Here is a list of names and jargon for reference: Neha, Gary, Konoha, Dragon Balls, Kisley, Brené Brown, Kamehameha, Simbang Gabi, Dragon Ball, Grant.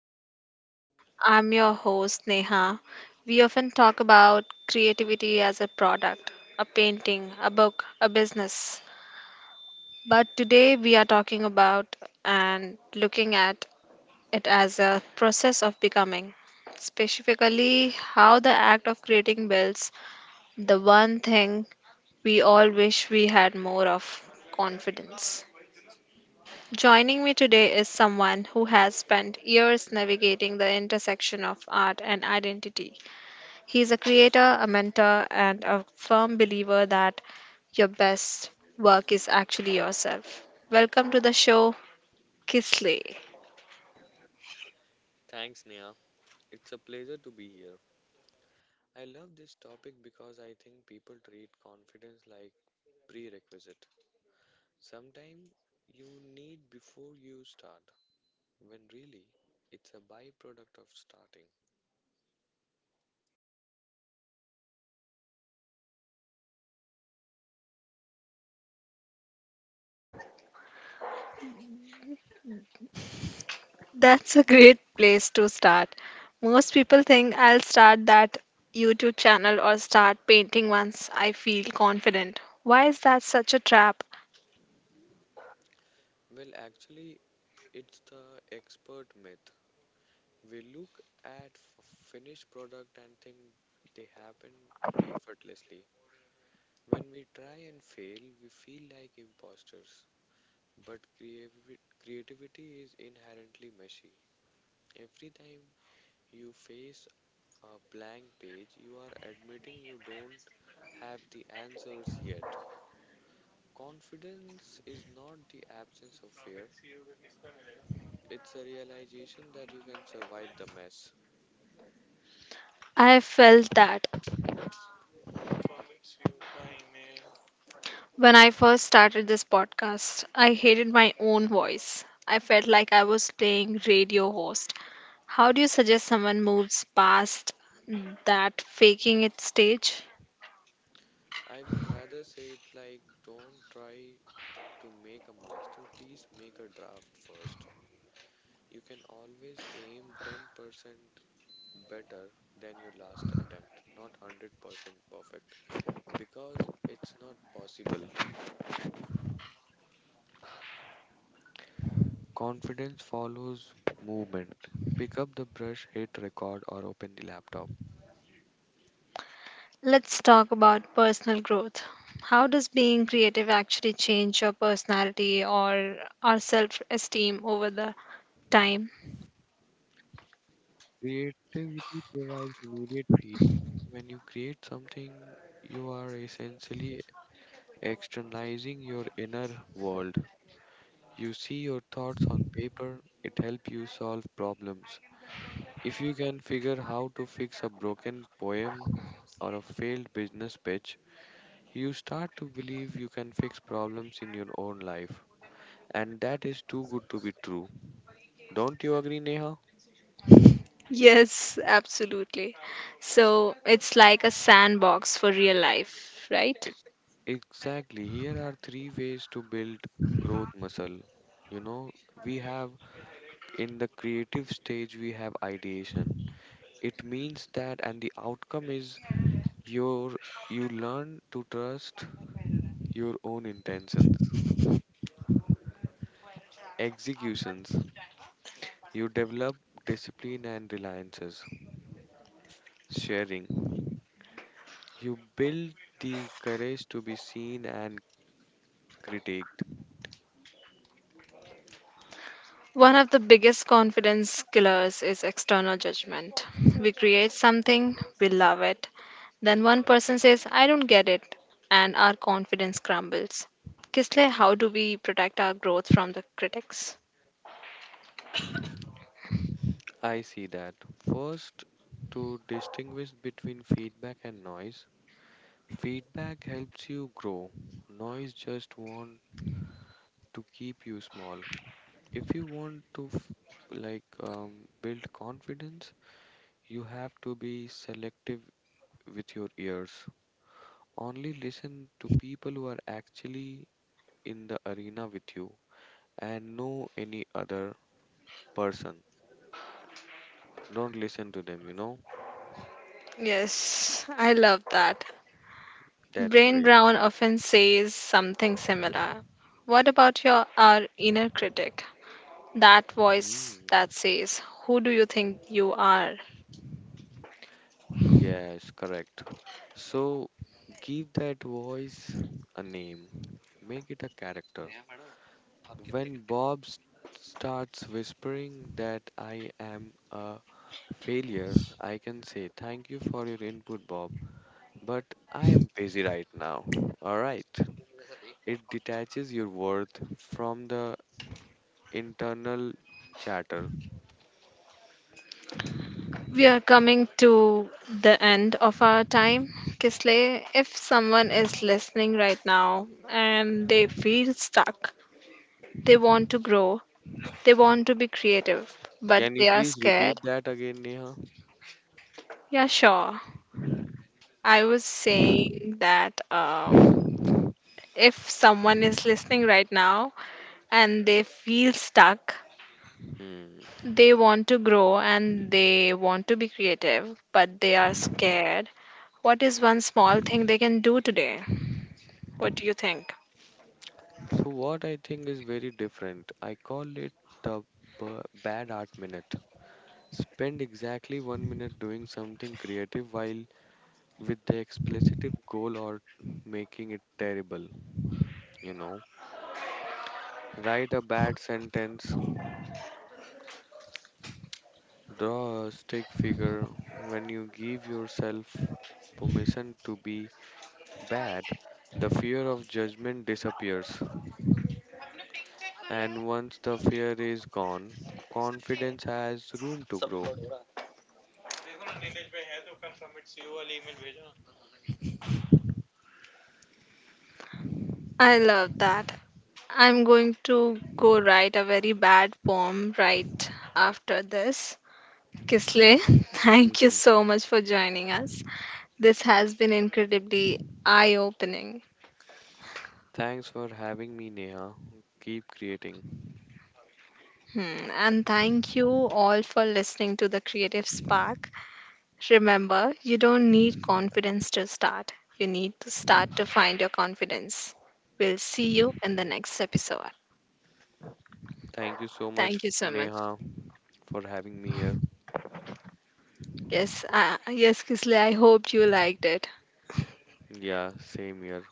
Spark. I'm your host, Neha. We often talk about creativity as a product, a painting, a book, a business. But today we are talking about and looking at it as a process of becoming, specifically, how the act of creating builds the one thing we all wish we had more of confidence. Joining me today is someone who has spent years navigating the intersection of art and identity. He's a creator, a mentor, and a firm believer that your best work is actually yourself. Welcome to the show, Kisley. Thanks, Nia. It's a pleasure to be here. I love this topic because I think people treat confidence like prerequisite. Sometimes you need before you start, when really it's a byproduct of starting. That's a great place to start. Most people think I'll start that YouTube channel or start painting once I feel confident. Why is that such a trap? Well, actually, it's the expert myth. We look at finished product and think they happen effortlessly. When we try and fail, we feel like imposters. But creativity is inherently messy. Every time you face a blank page, you are admitting you don't have the answers yet. Confidence is not the absence of fear, it's a realization that you can survive the mess. I felt that. When I first started this podcast, I hated my own voice. I felt like I was playing radio host. How do you suggest someone moves past that faking it stage? I would rather say it like don't try to make a masterpiece, make a draft first. You can always aim 10% better than your last attempt, not 100% perfect, because it's not possible. Confidence follows movement. Pick up the brush, hit record, or open the laptop. Let's talk about personal growth. How does being creative actually change your personality or our self esteem over the time? Creativity provides immediate feedback. When you create something, you are essentially externalizing your inner world. You see your thoughts on paper, it helps you solve problems. If you can figure how to fix a broken poem or a failed business pitch, you start to believe you can fix problems in your own life. And that is too good to be true. Don't you agree, Neha? Yes, absolutely. So it's like a sandbox for real life, right? E- Exactly. Here are three ways to build growth muscle. You know, we have in the creative stage, we have ideation. It means that, and the outcome is your you learn to trust your own intentions. Executions, you develop discipline and reliances. Sharing, you build the courage to be seen and critiqued. One of the biggest confidence killers is external judgment. We create something, we love it, then one person says, I don't get it, and our confidence crumbles. Kisle, how do we protect our growth from the critics? I see that. First, to distinguish between feedback and noise, feedback helps you grow. Noise just want to keep you small. If you want to build confidence, you have to be selective with your ears. Only listen to people who are actually in the arena with you and know any other person. Don't listen to them. Yes, I love that. That's Brain great. Brown often says something similar. What about your our inner critic? That voice Hmm. that says, who do you think you are? Yes, correct. So give that voice a name, make it a character. When starts whispering that I am a failure, I can say, "Thank you for your input, Bob, but I am busy right now." Alright. It detaches your worth from the internal chatter. We are coming to the end of our time, Kisley. If someone is listening right now and they feel stuck, they want to grow, they want to be creative, but Can you they are please scared. repeat that again, Neha? Yeah, sure. I was saying that if someone is listening right now and they feel stuck, Hmm. they want to grow and they want to be creative, but they are scared. What is one small thing they can do today? What do you think? So, what I think is very different, I call it the bad art minute. Spend exactly 1 minute doing something creative while with the explicit goal or making it terrible, you know. Write a bad sentence, draw a stick figure. When you give yourself permission to be bad, the fear of judgment disappears. And once the fear is gone, confidence has room to grow. I love that. I'm going to go write a very bad poem right after this. Kisle, thank you Mm-hmm. so much for joining us. This has been incredibly eye opening. Thanks for having me, Neha. Keep creating. Hmm. And thank you all for listening to the Creative Spark. Remember, you don't need confidence to start, you need to start to find your confidence. We'll see you in the next episode. Thank you so Thank much, you so much. Neha, for having me here. Yes, yes, Kisle, I hoped you liked it. Yeah, same here.